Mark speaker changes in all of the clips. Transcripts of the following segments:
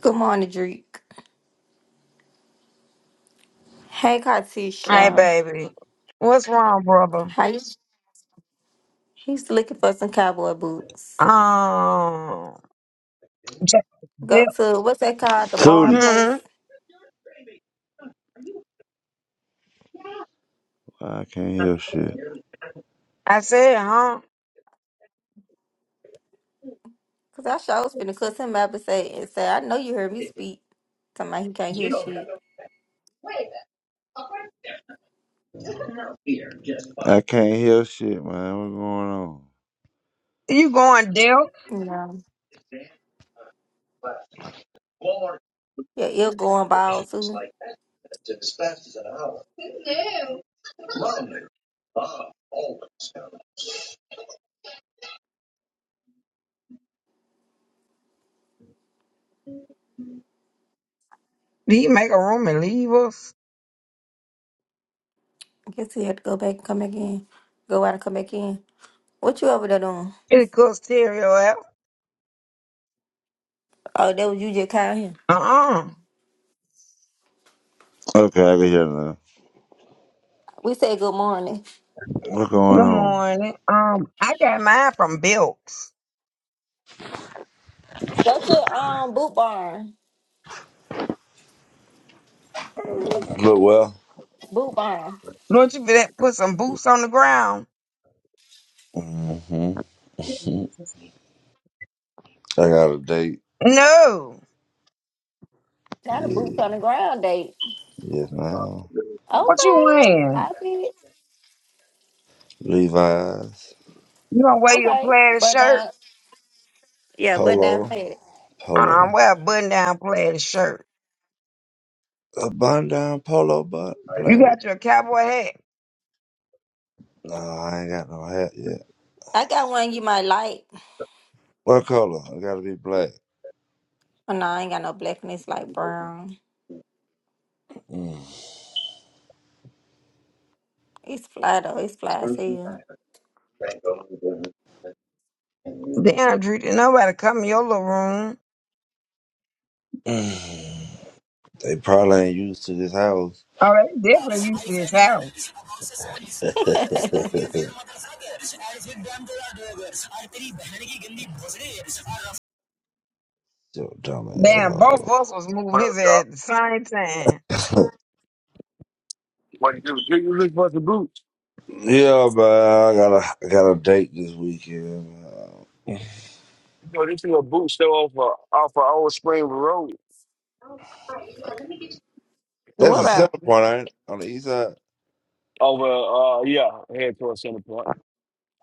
Speaker 1: Good morning, Drake. Hey,
Speaker 2: Hey,
Speaker 1: Katisha.
Speaker 2: baby. What's wrong, brother?
Speaker 1: How you? He's looking for some cowboy boots.
Speaker 2: Um, J-
Speaker 1: Go to what's that called? The barn
Speaker 3: Tootie.
Speaker 1: place.
Speaker 2: hmm,
Speaker 3: I can't hear shit.
Speaker 2: I said, huh?
Speaker 1: Cause I sure was finna cuss him up and say and say, I know you heard me speak. Somebody he can't hear shit.
Speaker 3: I can't hear shit, man. What's going on?
Speaker 2: You going deal?
Speaker 1: You know. Yeah, ill going bald too.
Speaker 2: He make a room and leave us?
Speaker 1: I guess he had to go back and come back in. Go out and come back in. What you over there doing?
Speaker 2: It could stereo out.
Speaker 1: Oh, that was you just called him.
Speaker 2: Uh-uh.
Speaker 3: Okay, I can hear now.
Speaker 1: We said good morning.
Speaker 3: What's going
Speaker 2: Good
Speaker 3: on?
Speaker 2: morning. Um, I got mine from Bilks.
Speaker 1: Go to um boot barn.
Speaker 3: Look well.
Speaker 1: Boot barn.
Speaker 2: Don't you fit- put some boots on the ground?
Speaker 3: hmm I got a date.
Speaker 2: No.
Speaker 1: Not a boots
Speaker 3: Yeah.
Speaker 1: on the ground date.
Speaker 3: Yes, ma'am.
Speaker 2: What you
Speaker 1: Okay.
Speaker 2: wearing?
Speaker 1: Happy.
Speaker 3: Levi's.
Speaker 2: You gonna wear your
Speaker 1: Okay,
Speaker 2: plaid
Speaker 1: but
Speaker 2: shirt?
Speaker 1: now, yeah, but now,
Speaker 3: Polo.
Speaker 1: hey,
Speaker 2: Uh-uh,
Speaker 3: Polo.
Speaker 2: wear a button-down plaid shirt.
Speaker 3: A bun down polo but
Speaker 2: You
Speaker 3: planet.
Speaker 2: got your cowboy hat.
Speaker 3: No, I ain't got no hat yet.
Speaker 1: I got one you might like.
Speaker 3: What color? I gotta be black.
Speaker 1: Oh, no, I ain't got no blackness like brown.
Speaker 3: Mm.
Speaker 1: It's fly though. It's fly as hell.
Speaker 2: Damn, Drew, did nobody come in your little room.
Speaker 3: Mm. They probably ain't used to this house.
Speaker 2: Oh, they definitely used to his house.
Speaker 4: I
Speaker 3: Yo, dumb
Speaker 2: Damn, both of
Speaker 3: asshole.
Speaker 2: us was moving
Speaker 5: What up,
Speaker 2: his
Speaker 5: y'all?
Speaker 2: at the same time.
Speaker 5: What you do? Do you look for the boots?
Speaker 3: Yeah, man. I got a I got a date this weekend. man.
Speaker 5: Yo, this is a boot store off uh, off of Old Spring Road.
Speaker 3: That's
Speaker 1: what
Speaker 3: a
Speaker 1: about?
Speaker 3: center point, ain't it? On the east side.
Speaker 5: Over, uh, yeah, head towards Center Point.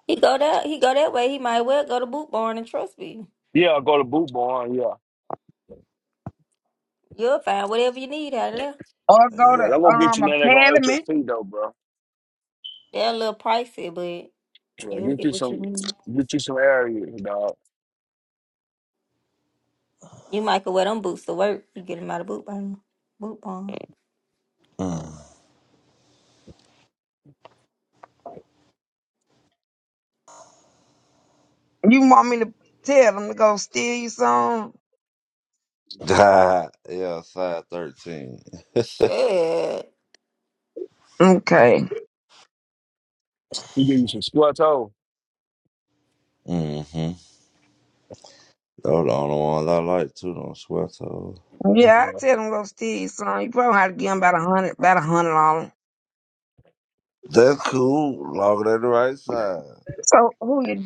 Speaker 1: He go that. He go that way. He might well go to Boot Barn and trust me.
Speaker 5: Yeah, I go to Boot Barn. Yeah,
Speaker 1: You'll find whatever you need out of there.
Speaker 2: Or go
Speaker 5: yeah.
Speaker 3: Yeah.
Speaker 5: I'm
Speaker 2: to
Speaker 5: gonna get
Speaker 2: um
Speaker 5: you nothing that gonna hurt your
Speaker 2: academy.
Speaker 5: feet though, bro.
Speaker 1: They're a little pricey, but
Speaker 5: Yeah,
Speaker 1: you'll
Speaker 5: get
Speaker 1: get
Speaker 5: you
Speaker 1: what you
Speaker 5: some,
Speaker 1: need.
Speaker 5: get you some areas, dog.
Speaker 1: You might could wear them boots to work. You get them out of Boot Barn. Boot Barn.
Speaker 3: Mm.
Speaker 2: You want me to tell them to go steal you some?
Speaker 3: yeah, side thirteen.
Speaker 1: Shit.
Speaker 2: Okay.
Speaker 5: You give you some squat toe.
Speaker 3: Mm-hmm. Those the only ones I like too. Don't sweat those.
Speaker 2: Yeah,
Speaker 5: Yeah.
Speaker 2: I tell them go steal you some. You probably have to give them about a hundred, about a hundred dollars.
Speaker 3: That's cool. Longer than the right side.
Speaker 2: So who you